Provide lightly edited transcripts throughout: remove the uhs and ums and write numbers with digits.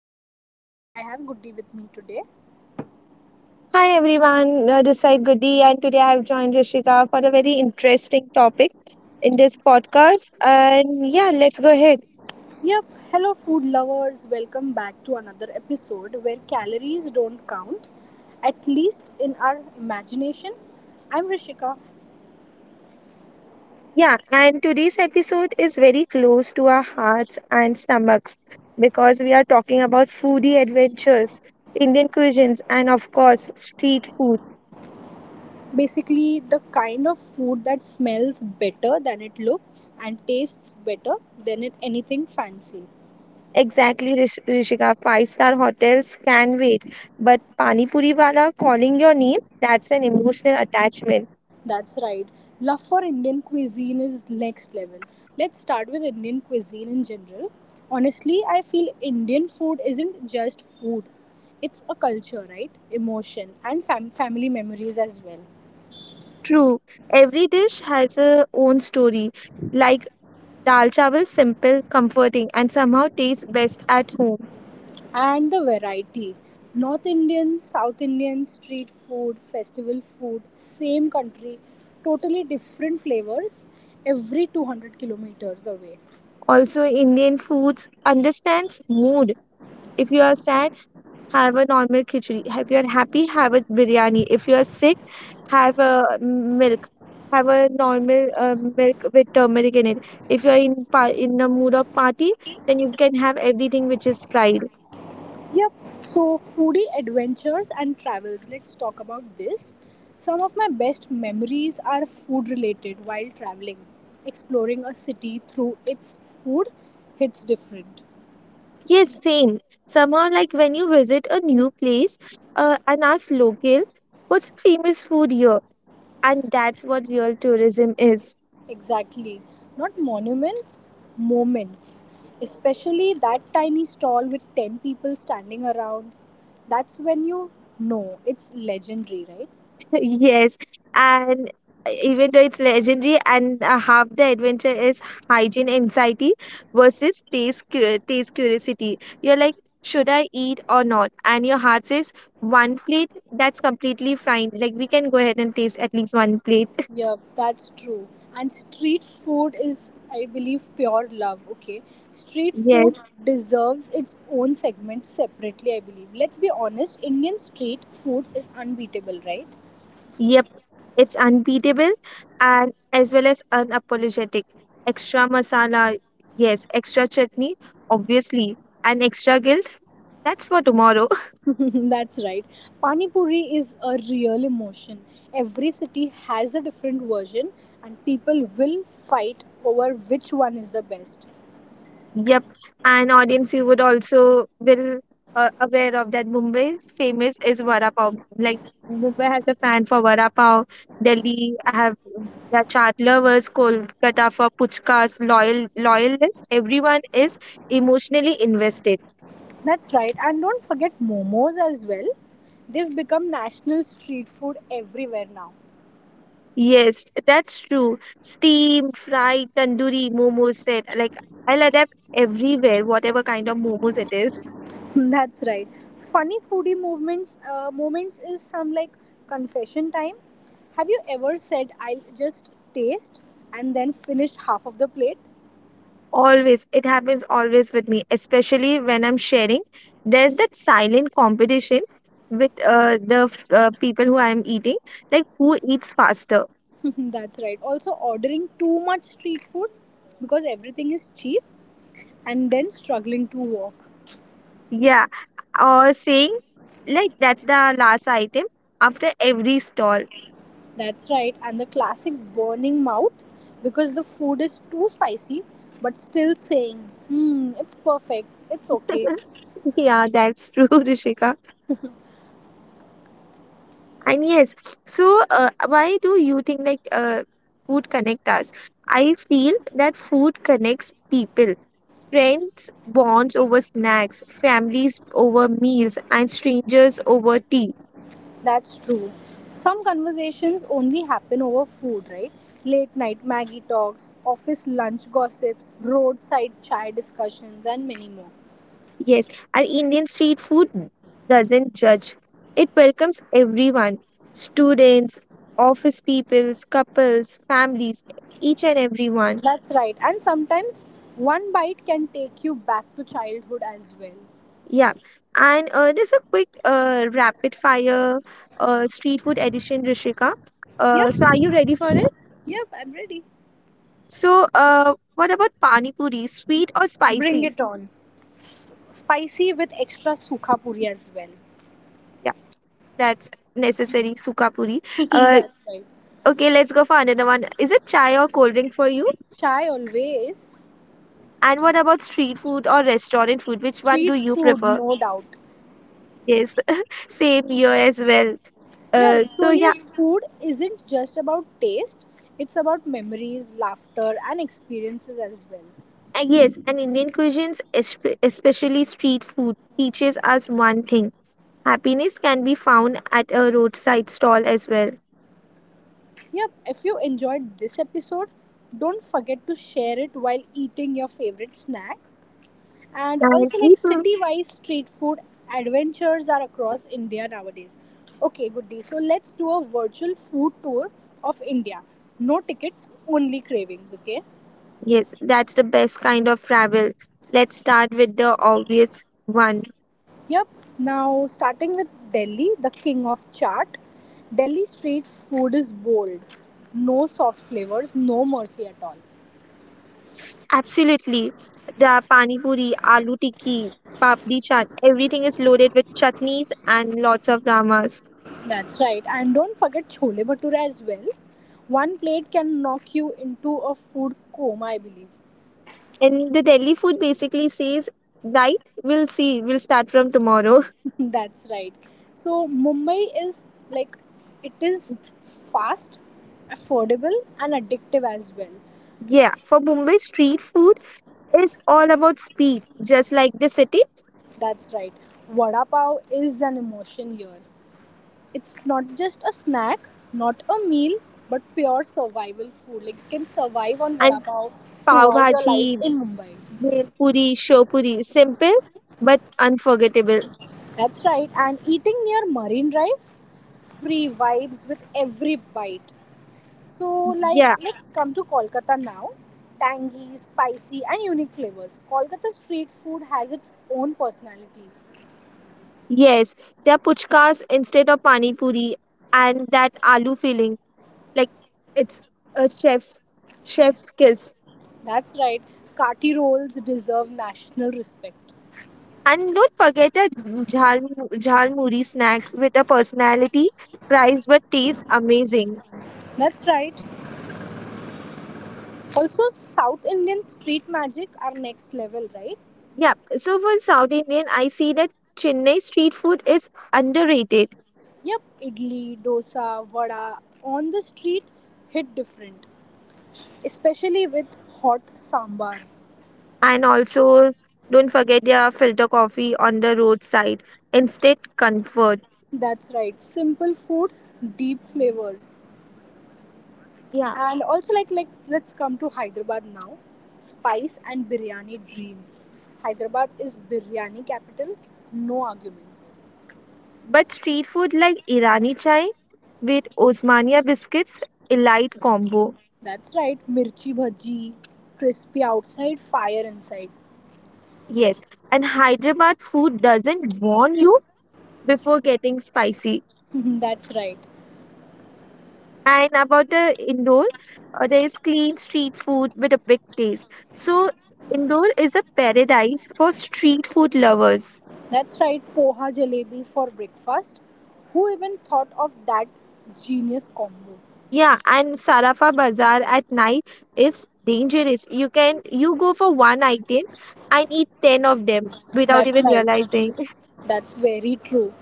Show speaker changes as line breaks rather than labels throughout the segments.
Rishika and I have Goody with me today.
Hi everyone, this is Goody, and today I have joined Rishika for a very interesting topic in this podcast. And yeah, let's go ahead.
Yep, hello food lovers, welcome back to another episode where calories don't count, at least in our imagination. I'm Rishika.
Yeah, and today's episode is very close to our hearts and stomachs because we are talking about foodie adventures, Indian cuisines, and of course, street food.
Basically, the kind of food that smells better than it looks and tastes better than it anything fancy.
Exactly, Rishika. Five star hotels can wait, but Pani Puri Wala calling your name, that's an emotional attachment.
That's right. Love for Indian cuisine is next level. Let's start with Indian cuisine in general. Honestly, I feel Indian food isn't just food. It's a culture, right? Emotion and family memories as well.
True, every dish has a own story. Like dal chawal, simple, comforting, and somehow tastes best at home.
And the variety. North Indian, South Indian, street food, festival food, same country, totally different flavors every 200 kilometers away.
Also, Indian foods understands mood. If you are sad, have a normal khichdi. If you are happy, have a biryani. If you are sick, have a milk. Have a normal milk with turmeric in it. If you are in in the mood of party, then you can have everything which is fried.
Yep. So foodie adventures and travels. Let's talk about this. Some of my best memories are food related while traveling. Exploring a city through its food hits different.
Yes, same. Somehow, like when you visit a new place and ask local, what's the famous food here? And that's what real tourism is.
Exactly. Not monuments, moments. Especially that tiny stall with 10 people standing around. That's when you know it's legendary, right?
Yes. And even though it's legendary, and half the adventure is hygiene anxiety versus taste, taste curiosity. You're like, should I eat or not? And your heart says, one plate, that's completely fine. Like, we can go ahead and taste at least one plate.
Yeah, that's true. And street food is, I believe, pure love. Okay. Street
Yes.
food deserves its own segment separately, I believe. Let's be honest, Indian street food is unbeatable, right?
Yep, it's unbeatable and as well as unapologetic. Extra masala, yes, extra chutney, obviously, and extra guilt, that's for tomorrow.
That's right. Pani Puri is a real emotion. Every city has a different version, and people will fight over which one is the best.
Yep, and audience, you would also will aware of that Mumbai famous is vada pav. Like Mumbai has a fan for vada pav. Delhi have the chaat lovers, Kolkata for puchkas, loyal loyalists. Everyone is emotionally invested.
That's right. And don't forget momos as well. They've become national street food everywhere now.
Yes, that's true. Steam, fried, tandoori, momos said like I'll adapt everywhere, whatever kind of momos it is.
That's right. Funny foodie movements moments is some like confession time. Have you ever said I'll just taste and then finished half of the plate?
Always, it happens always with me, especially when I'm sharing. There's that silent competition with the people who I'm eating, like who eats faster.
That's right. Also ordering too much street food because everything is cheap and then struggling to walk.
Yeah, or saying like that's the last item after every stall.
That's right. And the classic burning mouth because the food is too spicy but still saying, "Hmm, it's perfect. It's okay."
Yeah, that's true, Rishika. And yes, so why do you think like food connect us? I feel that food connects people. Friends bonds over snacks, families over meals, and strangers over tea.
That's true. Some conversations only happen over food, right? Late night Maggie talks, office lunch gossips, roadside chai discussions, and many more.
Yes, our Indian street food doesn't judge. It welcomes everyone, students, office peoples, couples, families, each and everyone.
That's right. And sometimes one bite can take you back to childhood as well.
Yeah. And there's a quick rapid fire street food edition, Rishika. So are
Yep,
you ready for it?
yep, I'm ready.
So what about pani puri, sweet or spicy?
On. Spicy with extra sukha puri as well.
Yeah, that's necessary, suka puri. Uh,
That's right.
okay, let's go for another one. Is it chai or cold drink for you?
Chai always.
And what about street food or restaurant food? Which one do
Street
you
food,
prefer?
no doubt.
Yes, same here as well.
Yeah, so
So yeah,
yes, food isn't just about taste, it's about memories, laughter, and experiences as well.
yes, and Indian cuisines, especially street food, teaches us one thing. Happiness can be found at a roadside stall as well.
Yep, if you enjoyed this episode, don't forget to share it while eating your favorite snack. And
And
also, like
even,
city wise street food adventures are across India nowadays. Okay, Goody, so let's do a virtual food tour of India. No tickets, only cravings, okay?
yes, that's the best kind of travel. Let's start with the obvious one.
Yep. Now, starting with Delhi, the king of chaat, Delhi street food is bold. No soft flavors, no mercy at all.
Absolutely. The pani puri, aloo tikki, papdi chaat, everything is loaded with chutneys and lots of dramas.
That's right. And don't forget chole bhatura as well. One plate can knock you into a food coma, I believe.
And the Delhi food basically says, right, we'll see, we'll start from tomorrow.
That's right. So, Mumbai is like it is fast, affordable, and addictive as well.
Yeah, for Bombay, street food is all about speed, just like the city.
That's right. Vada pav is an emotion here. It's not just a snack, not a meal, but pure survival food. Like you can survive on vada
And
pav
pav
throughout your
bhaji,
life in Mumbai.
Bhel puri, show puri. Simple but unforgettable.
That's right. And eating near Marine Drive, free vibes with every bite. So like
Yeah,
let's come to Kolkata now. Tangy, spicy, and unique flavors. Kolkata street food has its own personality.
yes. They're puchkas instead of pani puri and that aloo filling. Like it's a chef's kiss.
That's right. Kati rolls deserve national respect.
And don't forget a jhal jhal muri snack with a personality, price but taste amazing.
That's right. Also,
So
South Indian street magic are next level, right?
yeah, so for South Indian, I see that Chennai street food is underrated.
Yep, idli, dosa, vada on the street hit different, especially with hot sambar.
And also, don't forget their filter coffee on the roadside. Instant comfort.
That's right, simple food, deep flavors.
Yeah.
And also like let's come to Hyderabad now. Spice and biryani dreams. Hyderabad is biryani capital, no arguments.
But street food like Irani chai with Osmania biscuits, elite combo.
That's right, mirchi bhaji, crispy outside, fire inside.
Yes. And Hyderabad food doesn't warn you before getting spicy.
That's right.
And about the Indore, there is clean street food with a big taste. So, Indore is a paradise for street food lovers.
That's right, poha jalebi for breakfast. Who even thought of that genius combo?
Yeah, and Sarafa Bazaar at night is dangerous. You can you go for one item and eat 10 of them without
That's
even
right,
realizing.
that's very true.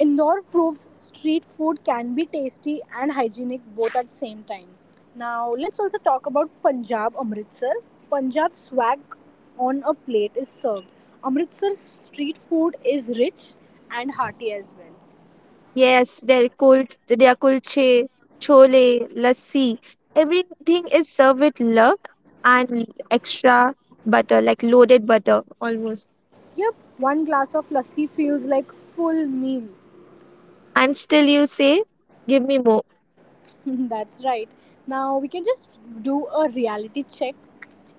Indore proves street food can be tasty and hygienic both at the same time. Now, let's also talk about Punjab Amritsar. Punjab swag on a plate is served. Amritsar's street food is rich and hearty as well.
Yes, their kul their kulche, chole, lassi, everything is served with love and extra butter, like loaded butter almost.
Yep, one glass of lassi feels like full meal.
And still you say, give me more.
That's right. Now we can just do a reality check.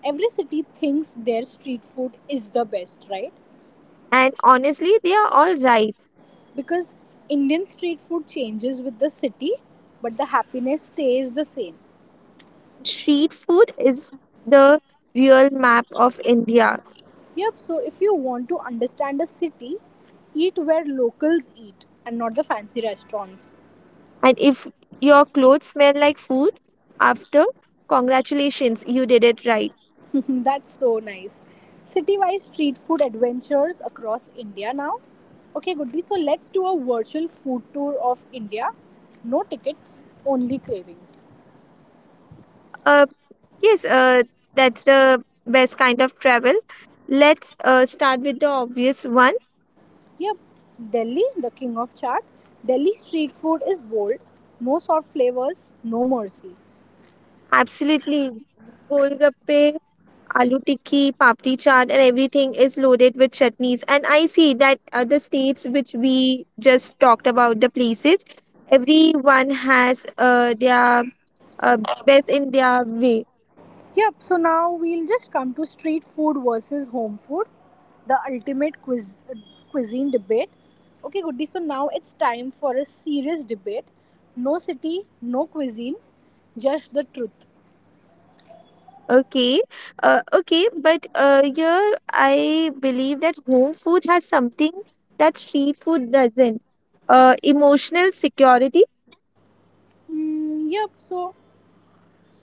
Every city thinks their street food is the best, right?
And honestly, they are all right.
Because Indian street food changes with the city, but the happiness stays the same.
Street food is the real map of India.
Yep, so if you want to understand a city, eat where locals eat and not the fancy restaurants.
And if your clothes smell like food after, congratulations, you did it right.
That's so nice. City-wise street food adventures across India now. Okay, Goody, so let's do a virtual food tour of India. No tickets, only cravings.
Uh, yes, that's the best kind of travel. Let's start with the obvious one.
Yep, Delhi, the king of chaat. Delhi street food is bold. No soft flavors, no mercy.
Absolutely. Golgappe, aloo tikki, papdi chaat, and everything is loaded with chutneys. And I see that the states which we just talked about, the places, everyone has their uh, best in their way.
Yep, so now we'll just come to street food versus home food, the ultimate quiz, cuisine debate. Okay, Goody, so now it's time for a serious debate. No city, no cuisine, just the truth.
Okay, okay, but here I believe that home food has something that street food doesn't. Emotional security.
Mm, yep, so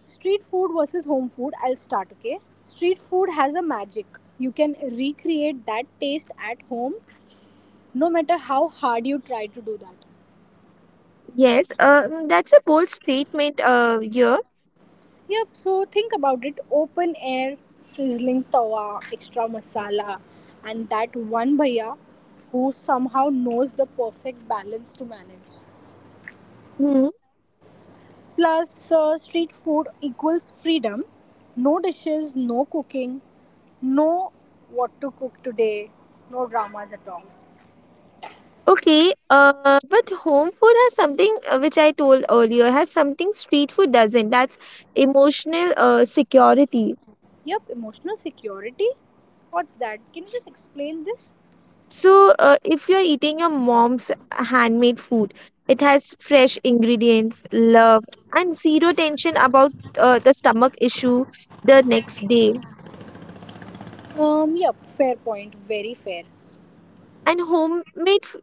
street food versus home food, I'll start, okay? Street food has a magic. You can recreate that taste at home no matter how hard you try to do that.
Yes, that's a bold statement. Here.
Yep, so think about it open air, sizzling tawa, extra masala, and that one bhaiya who somehow knows the perfect balance to manage.
Hmm.
Plus, street food equals freedom no dishes, no cooking, no what to cook today, no dramas at all.
Okay. But home food has something which I told earlier has something street food doesn't. That's emotional security.
Yep, emotional security. What's that? Can you just explain this?
So, if you're eating your mom's handmade food, it has fresh ingredients, love, and zero tension about the stomach issue the next day.
Yep, fair point, very fair.
And homemade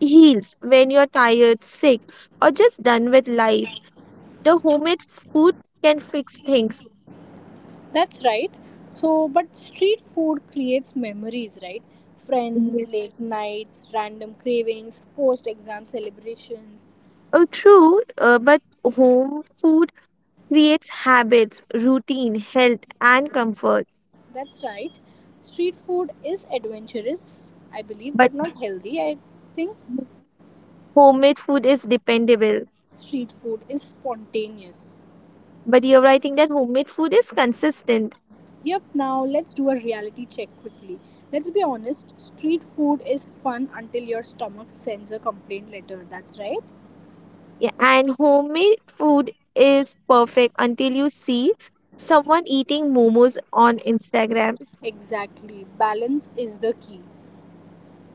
heals when you're tired, sick, or just done with life. The homemade food can fix things.
That's right. So, but street food creates memories, right? Friends,
Yes.
late nights, random cravings, post exam celebrations.
Oh, true, but home food creates habits, routine, health, and comfort.
That's right. Street food is adventurous, I believe,
But
but not healthy. I think
homemade food is dependable.
street food is spontaneous.
But you're right, I think that homemade food is consistent.
Yep, now let's do a reality check quickly. Let's be honest, street food is fun until your stomach sends a complaint letter. That's right.
Yeah, and homemade food is perfect until you see someone eating momos on Instagram.
Exactly. Balance is the key.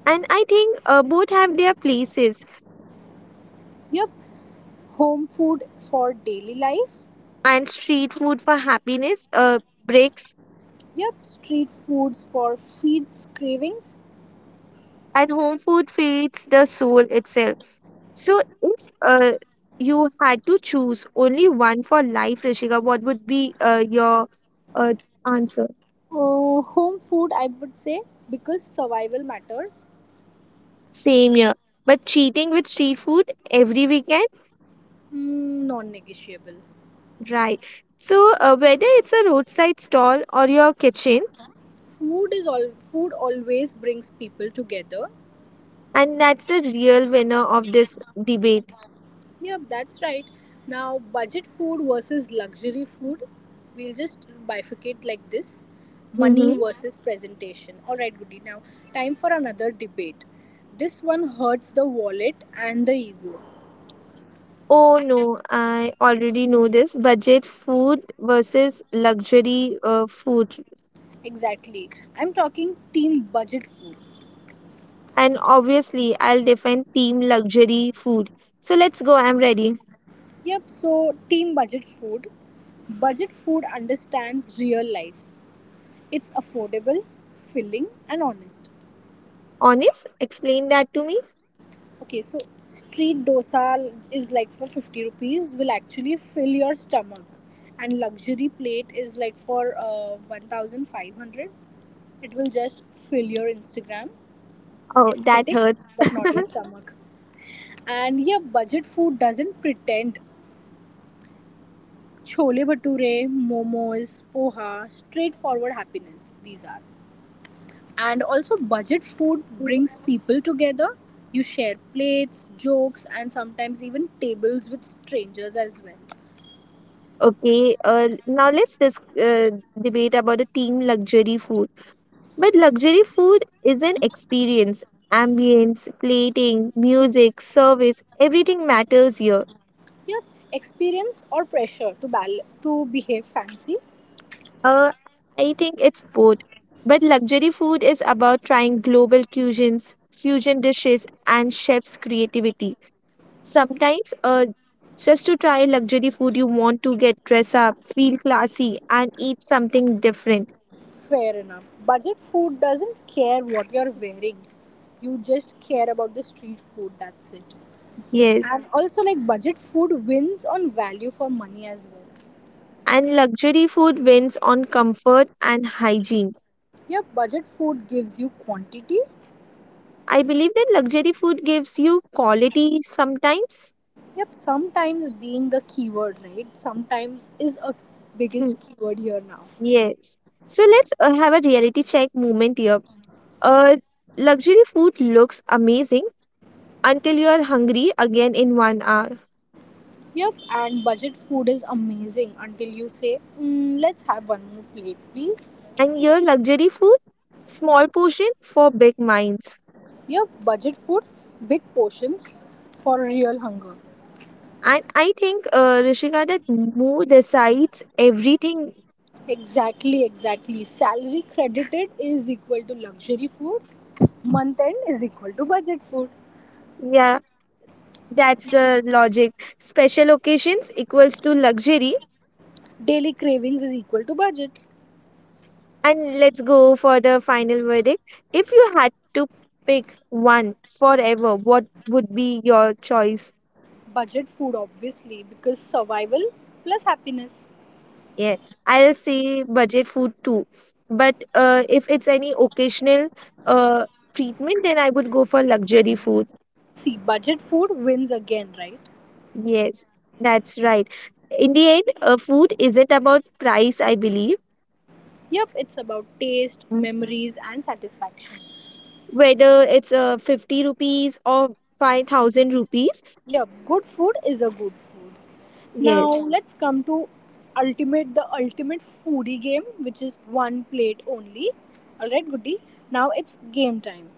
And I think both have their places.
Yep, home food for daily life.
And street food for happiness breaks,
Yep, street foods for feeds cravings.
and home food feeds the soul itself. So if you had to choose only one for life, Rishika, what would be your uh, answer?
Home food, I would say, because survival matters.
Same here. But cheating with street food every weekend?
Mm, non-negotiable.
Right. So, whether it's a roadside stall or your kitchen,
Food is all. Food always brings people together.
and that's the real winner of this debate.
Yep, that's right. Now, budget food versus luxury food. We'll just bifurcate like this. Money
Mm-hmm.
Mhm. versus presentation. All right, Goody. Now, time for another debate. This one hurts the wallet and the ego.
Oh no, I already know this. Budget food versus luxury food.
Exactly. I'm talking team budget food.
And obviously, I'll defend team luxury food. So, let's go. I'm ready.
Yep, so team budget food. Budget food understands real life. It's affordable, filling, and honest.
Honest, explain that to me.
Okay, so street dosa is like for 50 rupees, will actually fill your stomach. And luxury plate is like for 1500. It will just fill your Instagram
Oh, that
aesthetics,
hurts.
but not your stomach. And yeah, budget food doesn't pretend Chole bhature, momos, poha, straightforward happiness, these are. And also, budget food
Mhm.
brings people together. You share plates, jokes, and sometimes even tables with strangers as well.
Okay, now let's debate about the team luxury food. But luxury food is an experience. Ambience, plating, music, service, everything matters here.
Yep, experience or pressure to, to behave fancy?
Uh, I think it's both. But luxury food is about trying global cuisines, fusion dishes, and chefs' creativity. Sometimes, just to try luxury food, you want to get dressed up, feel classy, and eat something different.
Fair enough. Budget food doesn't care what you're wearing, you just care about the street food, that's it.
Yes.
And also, like, budget food wins on value for money as well.
And luxury food wins on comfort and hygiene.
Yep, budget food gives you quantity.
I believe that luxury food gives you quality sometimes.
Yep, sometimes being the keyword, right? Sometimes is a
Mhm.
biggest keyword here now.
Yes. So let's have a reality check moment here. Uh, Luxury food looks amazing until you are hungry again in 1 hour.
Yep, and budget food is amazing until you say, mm, let's have one more plate, please.
And your luxury food, small portion for big minds.
Yep, budget food, big portions for real hunger.
And I think, Rishika, that mood decides everything.
Exactly, exactly. Salary credited is equal to luxury food. Month end is equal to budget food.
Yeah, that's the logic. Special occasions equals to luxury.
Daily cravings is equal to budget.
And let's go for the final verdict. If you had to pick one forever, what would be your choice?
Budget food, obviously, because survival plus happiness.
Yeah, I'll say budget food too. But if it's any occasional uh, treatment, then I would go for luxury food.
See, budget food wins again, right?
Yes, that's right. In the end, food isn't about price, I believe.
Yep, it's about taste,
Mm.
memories, and satisfaction.
Whether it's 50 rupees or 5,000 rupees.
Yep, good food is a good food.
Yes,
Now, let's come to ultimate the ultimate foodie game, which is one plate only. Alright, goodie. Now it's game time.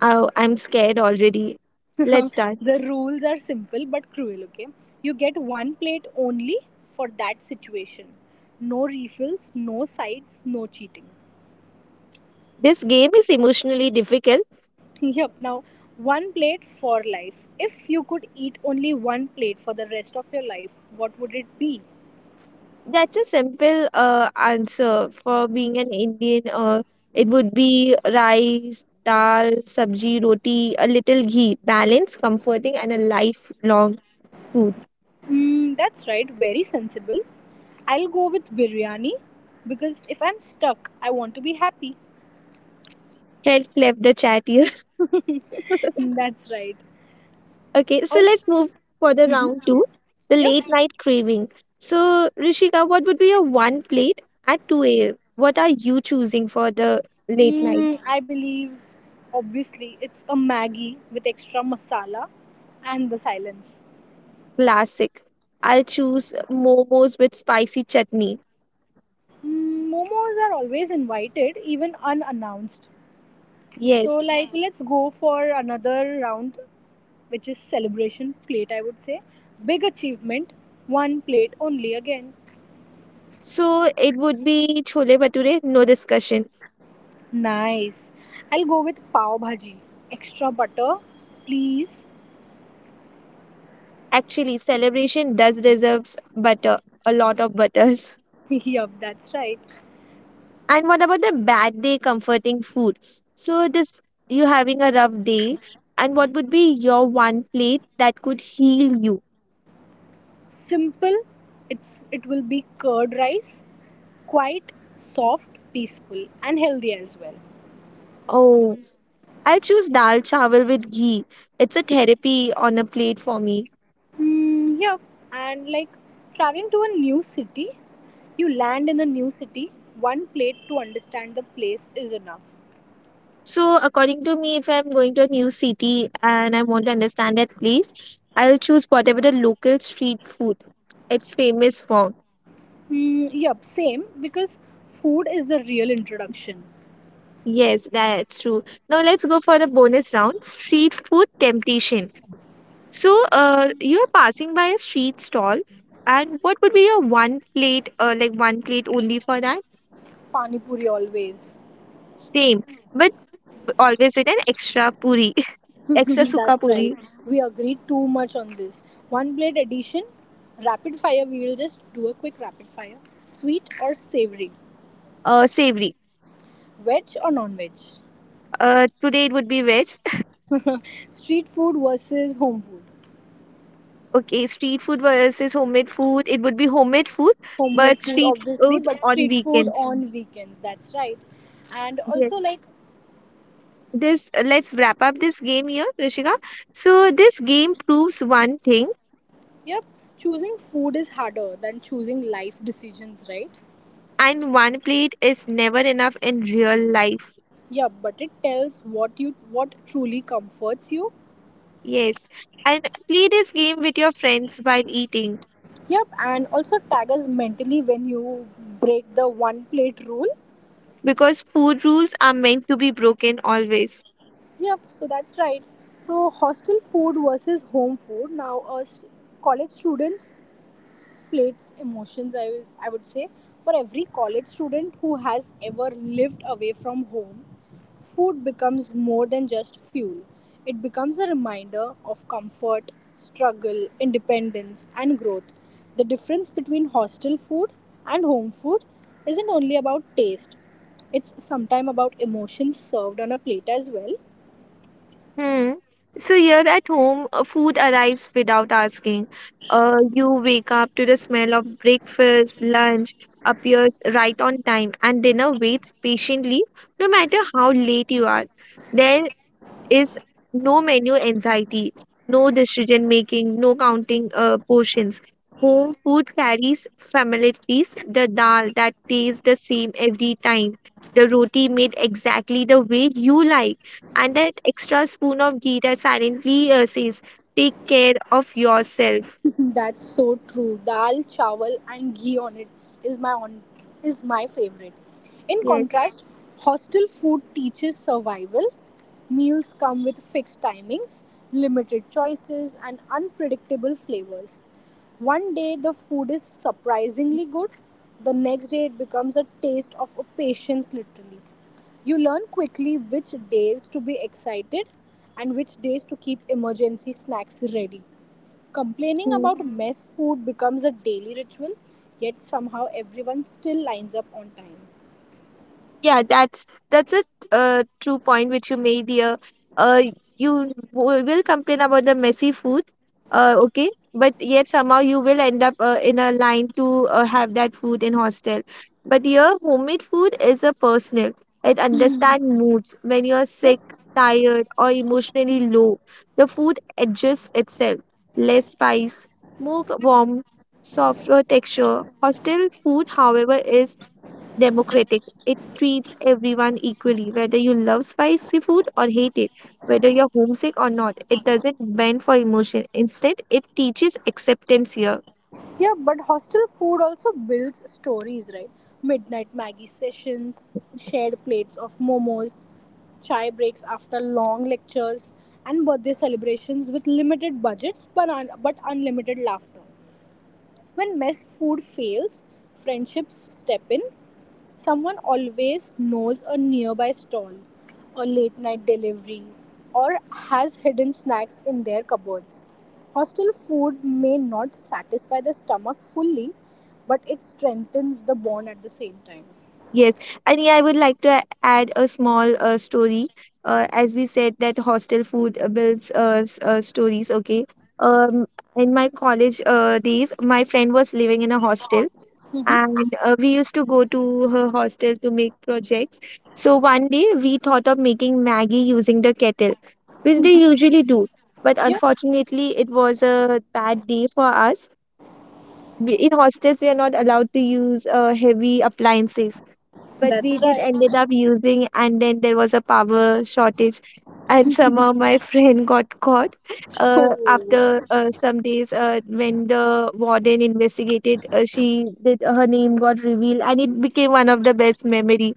I'm scared already. Let's start.
The rules are simple but cruel, okay? You get one plate only for that situation. No refills, no sides, no cheating.
This game is emotionally difficult.
Yep, now one plate for life. If you could eat only one plate for the rest of your life, what would it be?
That's a simple answer for being an Indian. It would be rice, dal, sabji, roti, a little ghee. Balance, comforting, and a lifelong food.
Mm, that's right, very sensible. I'll go with biryani because if I'm stuck, I want to be happy.
Health left the chat here.
That's right.
Okay, so
All,
let's move for the
Mhm.
round two, the
Yep.
late night craving. So, Rishika, what would be your one plate at 2 a.m.? What are you choosing for the late night?
Mm, I believe, obviously, it's a Maggie with extra masala and the silence.
Classic. I'll choose momos with spicy chutney.
Mm, momos are always invited, even unannounced. So
Yes.
like let's go for another round which is celebration plate I would say. Big achievement, one plate only again.
So it would be chole bhature, no discussion.
Nice. I'll go with pav bhaji. Extra butter, please.
Actually, celebration does deserves butter, a lot of butters.
Yup, that's right.
And what about the bad day comforting food? So this you having a rough day, and what would be your one plate that could heal you?
Simple. It will be curd rice, quite soft, peaceful and healthy as well.
Oh, I'll choose dal chawal with ghee. It's a therapy on a plate for me.
Mm, yeah, and like traveling to a new city, you land in a new city, one plate to understand the place is enough.
So, according to me, if I'm going to a new city and I want to understand that place, I'll choose whatever the local street food it's famous for.
Mm, yep, same because food is the real introduction.
Yes, that's true. Now let's go for the bonus round, street food temptation. So, you're passing by a street stall, and what would be your one plate, like one plate only for that?
Pani puri always.
Same, but always with an extra puri, extra sukha
That's right.
puri,
We agreed too much on this. One plate addition, rapid fire. We will just do a quick rapid fire. Sweet or savory,
savory.
veg or non veg.
Today it would be veg.
Street food versus home food.
Okay, street food versus homemade food. It would be homemade food,
Homemade
but
food
street
obviously,
food
but
on
street food
weekends.
on weekends, that's right. and
Yes.
also like
This let's wrap up this game here, Rishika. So this game proves one thing,
Yep. Choosing food is harder than choosing life decisions, right?
and one plate is never enough in real life.
Yeah, but it tells what you, what truly comforts you.
Yes. And play this game with your friends while eating
Yep, and also tag us mentally when you break the one plate rule.
because food rules are meant to be broken always.
Yep, so that's right. So hostel food versus home food now. Us college students, plates emotions, I would say, for every college student who has ever lived away from home, food becomes more than just fuel. It becomes a reminder of comfort, struggle, independence, and growth. The difference between hostel food and home food isn't only about taste, it's sometimes about emotions served on a plate as well.
Hmm. So here at home, food arrives without asking. You wake up to the smell of breakfast, lunch appears right on time, and dinner waits patiently no matter how late you are. Then is no menu anxiety, no decision making, no counting portions. Home food carries familiarities, the dal that tastes the same every time, the roti made exactly the way you like, and that extra spoon of ghee that silently says, take care of yourself.
That's so true. Dal, chawal, and ghee on it is my on is my favorite. In
Yes.
contrast, hostel food teaches survival. Meals come with fixed timings, limited choices, and unpredictable flavors. One day the food is surprisingly good, the next day it becomes a taste of a patience literally. You learn quickly which days to be excited and which days to keep emergency snacks ready. Complaining
Hmm.
about mess food becomes a daily ritual, yet somehow everyone still lines up on time.
Yeah, that's a true point which you made here. Uh, you will complain about the messy food, okay, but yet somehow you will end up in a line to have that food in hostel. But here, homemade food is a personal. It understand moods when you're
Yeah,
sick, tired, or emotionally low. The food adjusts itself. Less spice, more warmth, softer texture. Hostel food, however, is democratic. It treats everyone equally, whether you love spicy food or hate it, whether you're homesick or not. It doesn't bend for emotion. Instead, it teaches acceptance here.
yeah, but hostel food also builds stories, right? Midnight Maggie sessions, shared plates of momos, chai breaks after long lectures, and birthday celebrations with limited budgets but, but unlimited laughter. When mess food fails, friendships step in. Someone always knows a nearby stall, a late night delivery, or has hidden snacks in their cupboards. Hostel food may not satisfy the stomach fully, but it strengthens the bond at the same time.
Yes, and yeah, I would like to add a small story. As we said that hostel food builds stories. Okay, um, in my college days, my friend was living in a hostel,
Mm-hmm.
and we used to go to her hostel to make projects. So one day we thought of making Maggie using the kettle, which they usually do. But
Yeah,
unfortunately, it was a bad day for us. In hostels, we are not allowed to use heavy appliances, but we
that's
did
right.
ended up using, and then there was a power shortage, and somehow my friend got caught after
Oh,
some days when the warden investigated, she did her name got revealed, and it became one of the best memory.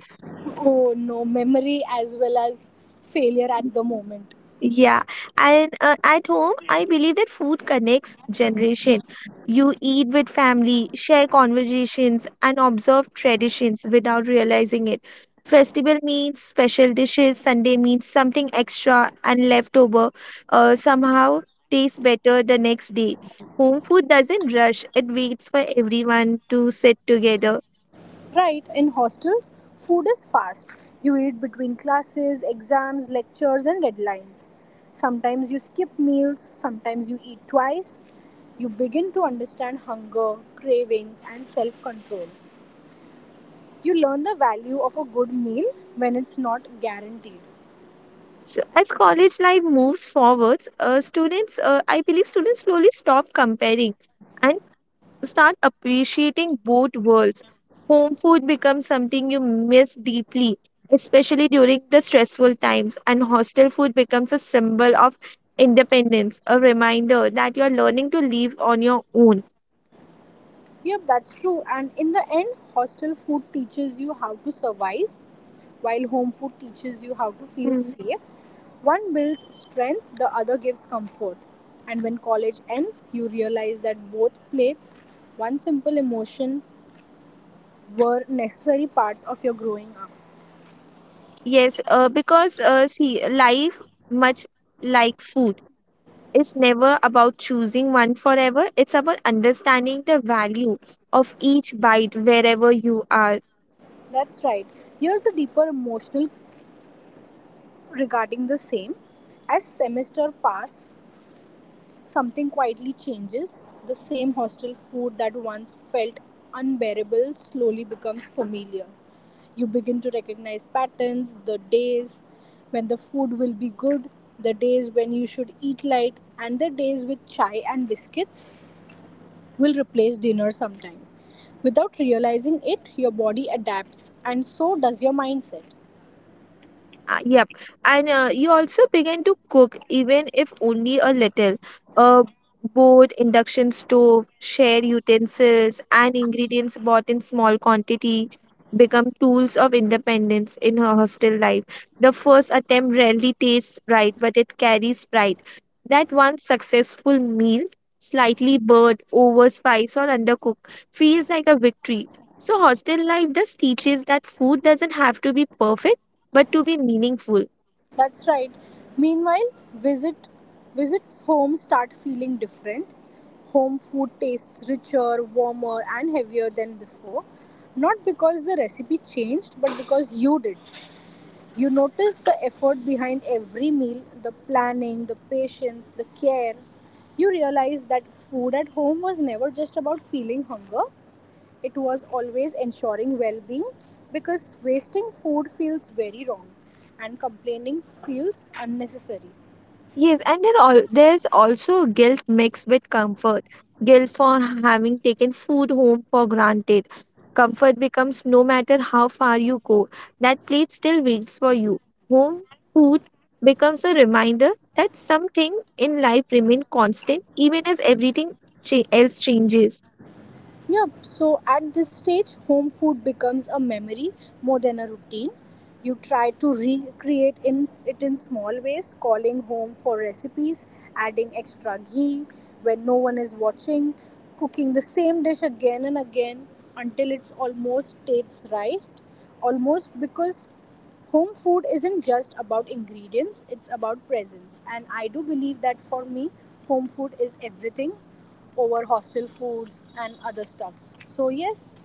oh no, memory as well as failure at the moment.
Yeah, and at home, I believe that food connects generation. You eat with family, share conversations, and observe traditions without realizing it. Festival means special dishes, Sunday means something extra, and leftover somehow tastes better the next day. Home food doesn't rush, it waits for everyone to sit together.
Right, in hostels, food is fast. You eat between classes, exams, lectures, and deadlines. Sometimes you skip meals, sometimes you eat twice. You begin to understand hunger, cravings, and self control. You learn the value of a good meal when it's not guaranteed.
So as college life moves forwards, students, I believe students slowly stop comparing and start appreciating both worlds. Home food becomes something you miss deeply, especially during the stressful times, and hostel food becomes a symbol of independence, a reminder that you're learning to live on your own.
Yep, that's true. And in the end, hostel food teaches you how to survive, while home food teaches you how to feel
Hmm.
safe. One builds strength, the other gives comfort. And when college ends, you realize that both plates, one simple emotion, were necessary parts of your growing up.
Yes, because see, life, much like food, is never about choosing one forever. It's about understanding the value of each bite wherever you are.
That's right. Here's a deeper emotional regarding the same. As semester pass, something quietly changes. The same hostel food that once felt unbearable slowly becomes familiar. You begin to recognize patterns, the days when the food will be good, the days when you should eat light, and the days with chai and biscuits will replace dinner sometime. Without realizing it, your body adapts, and so does your mindset.
Yep. And you also begin to cook, even if only a little. A board, induction stove, share utensils, and ingredients bought in small quantity become tools of independence in her hostel life. The first attempt rarely tastes right, but it carries pride. That one successful meal, slightly burnt, overspiced, or undercooked, feels like a victory. So, hostel life does teaches that food doesn't have to be perfect but to be meaningful.
That's right. Meanwhile, visits home start feeling different. Home food tastes richer, warmer, and heavier than before. Not because the recipe changed, but because you did. You notice the effort behind every meal, the planning, the patience, the care. You realize that food at home was never just about feeling hunger, it was always ensuring well-being, because wasting food feels very wrong and complaining feels unnecessary.
Yes, and then all, there's also guilt mixed with comfort. Guilt for having taken food home for granted. Comfort becomes no matter how far you go, that plate still waits for you. Home food becomes a reminder that something in life remains constant even as everything else changes.
Yeah, so at this stage, home food becomes a memory more than a routine. You try to recreate in it in small ways, calling home for recipes, adding extra ghee when no one is watching, cooking the same dish again and again until it's almost tastes right. Almost, because home food isn't just about ingredients, it's about presence. And I do believe that for me, home food is everything over hostel foods and other stuffs. So, yes.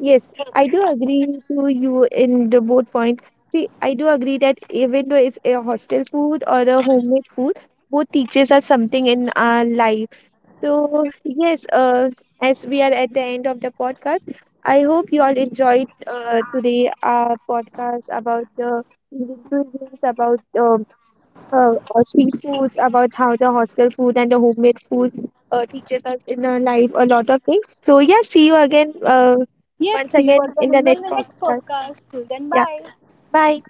Yes, I do agree to you in the both points. See, I do agree that even though it's a hostel food or a homemade food, both teaches us something in our life. So yes, as we are at the end of the podcast, I hope you all enjoyed today our podcast about the Indian cuisines, about street foods, about how the hostel food and the homemade food teaches us in our life a lot of things. So yeah, see you again
Yep.
once
See you
again
again
in the
in
next
the next
podcast.
podcast. Till then,
Yeah,
bye.
bye.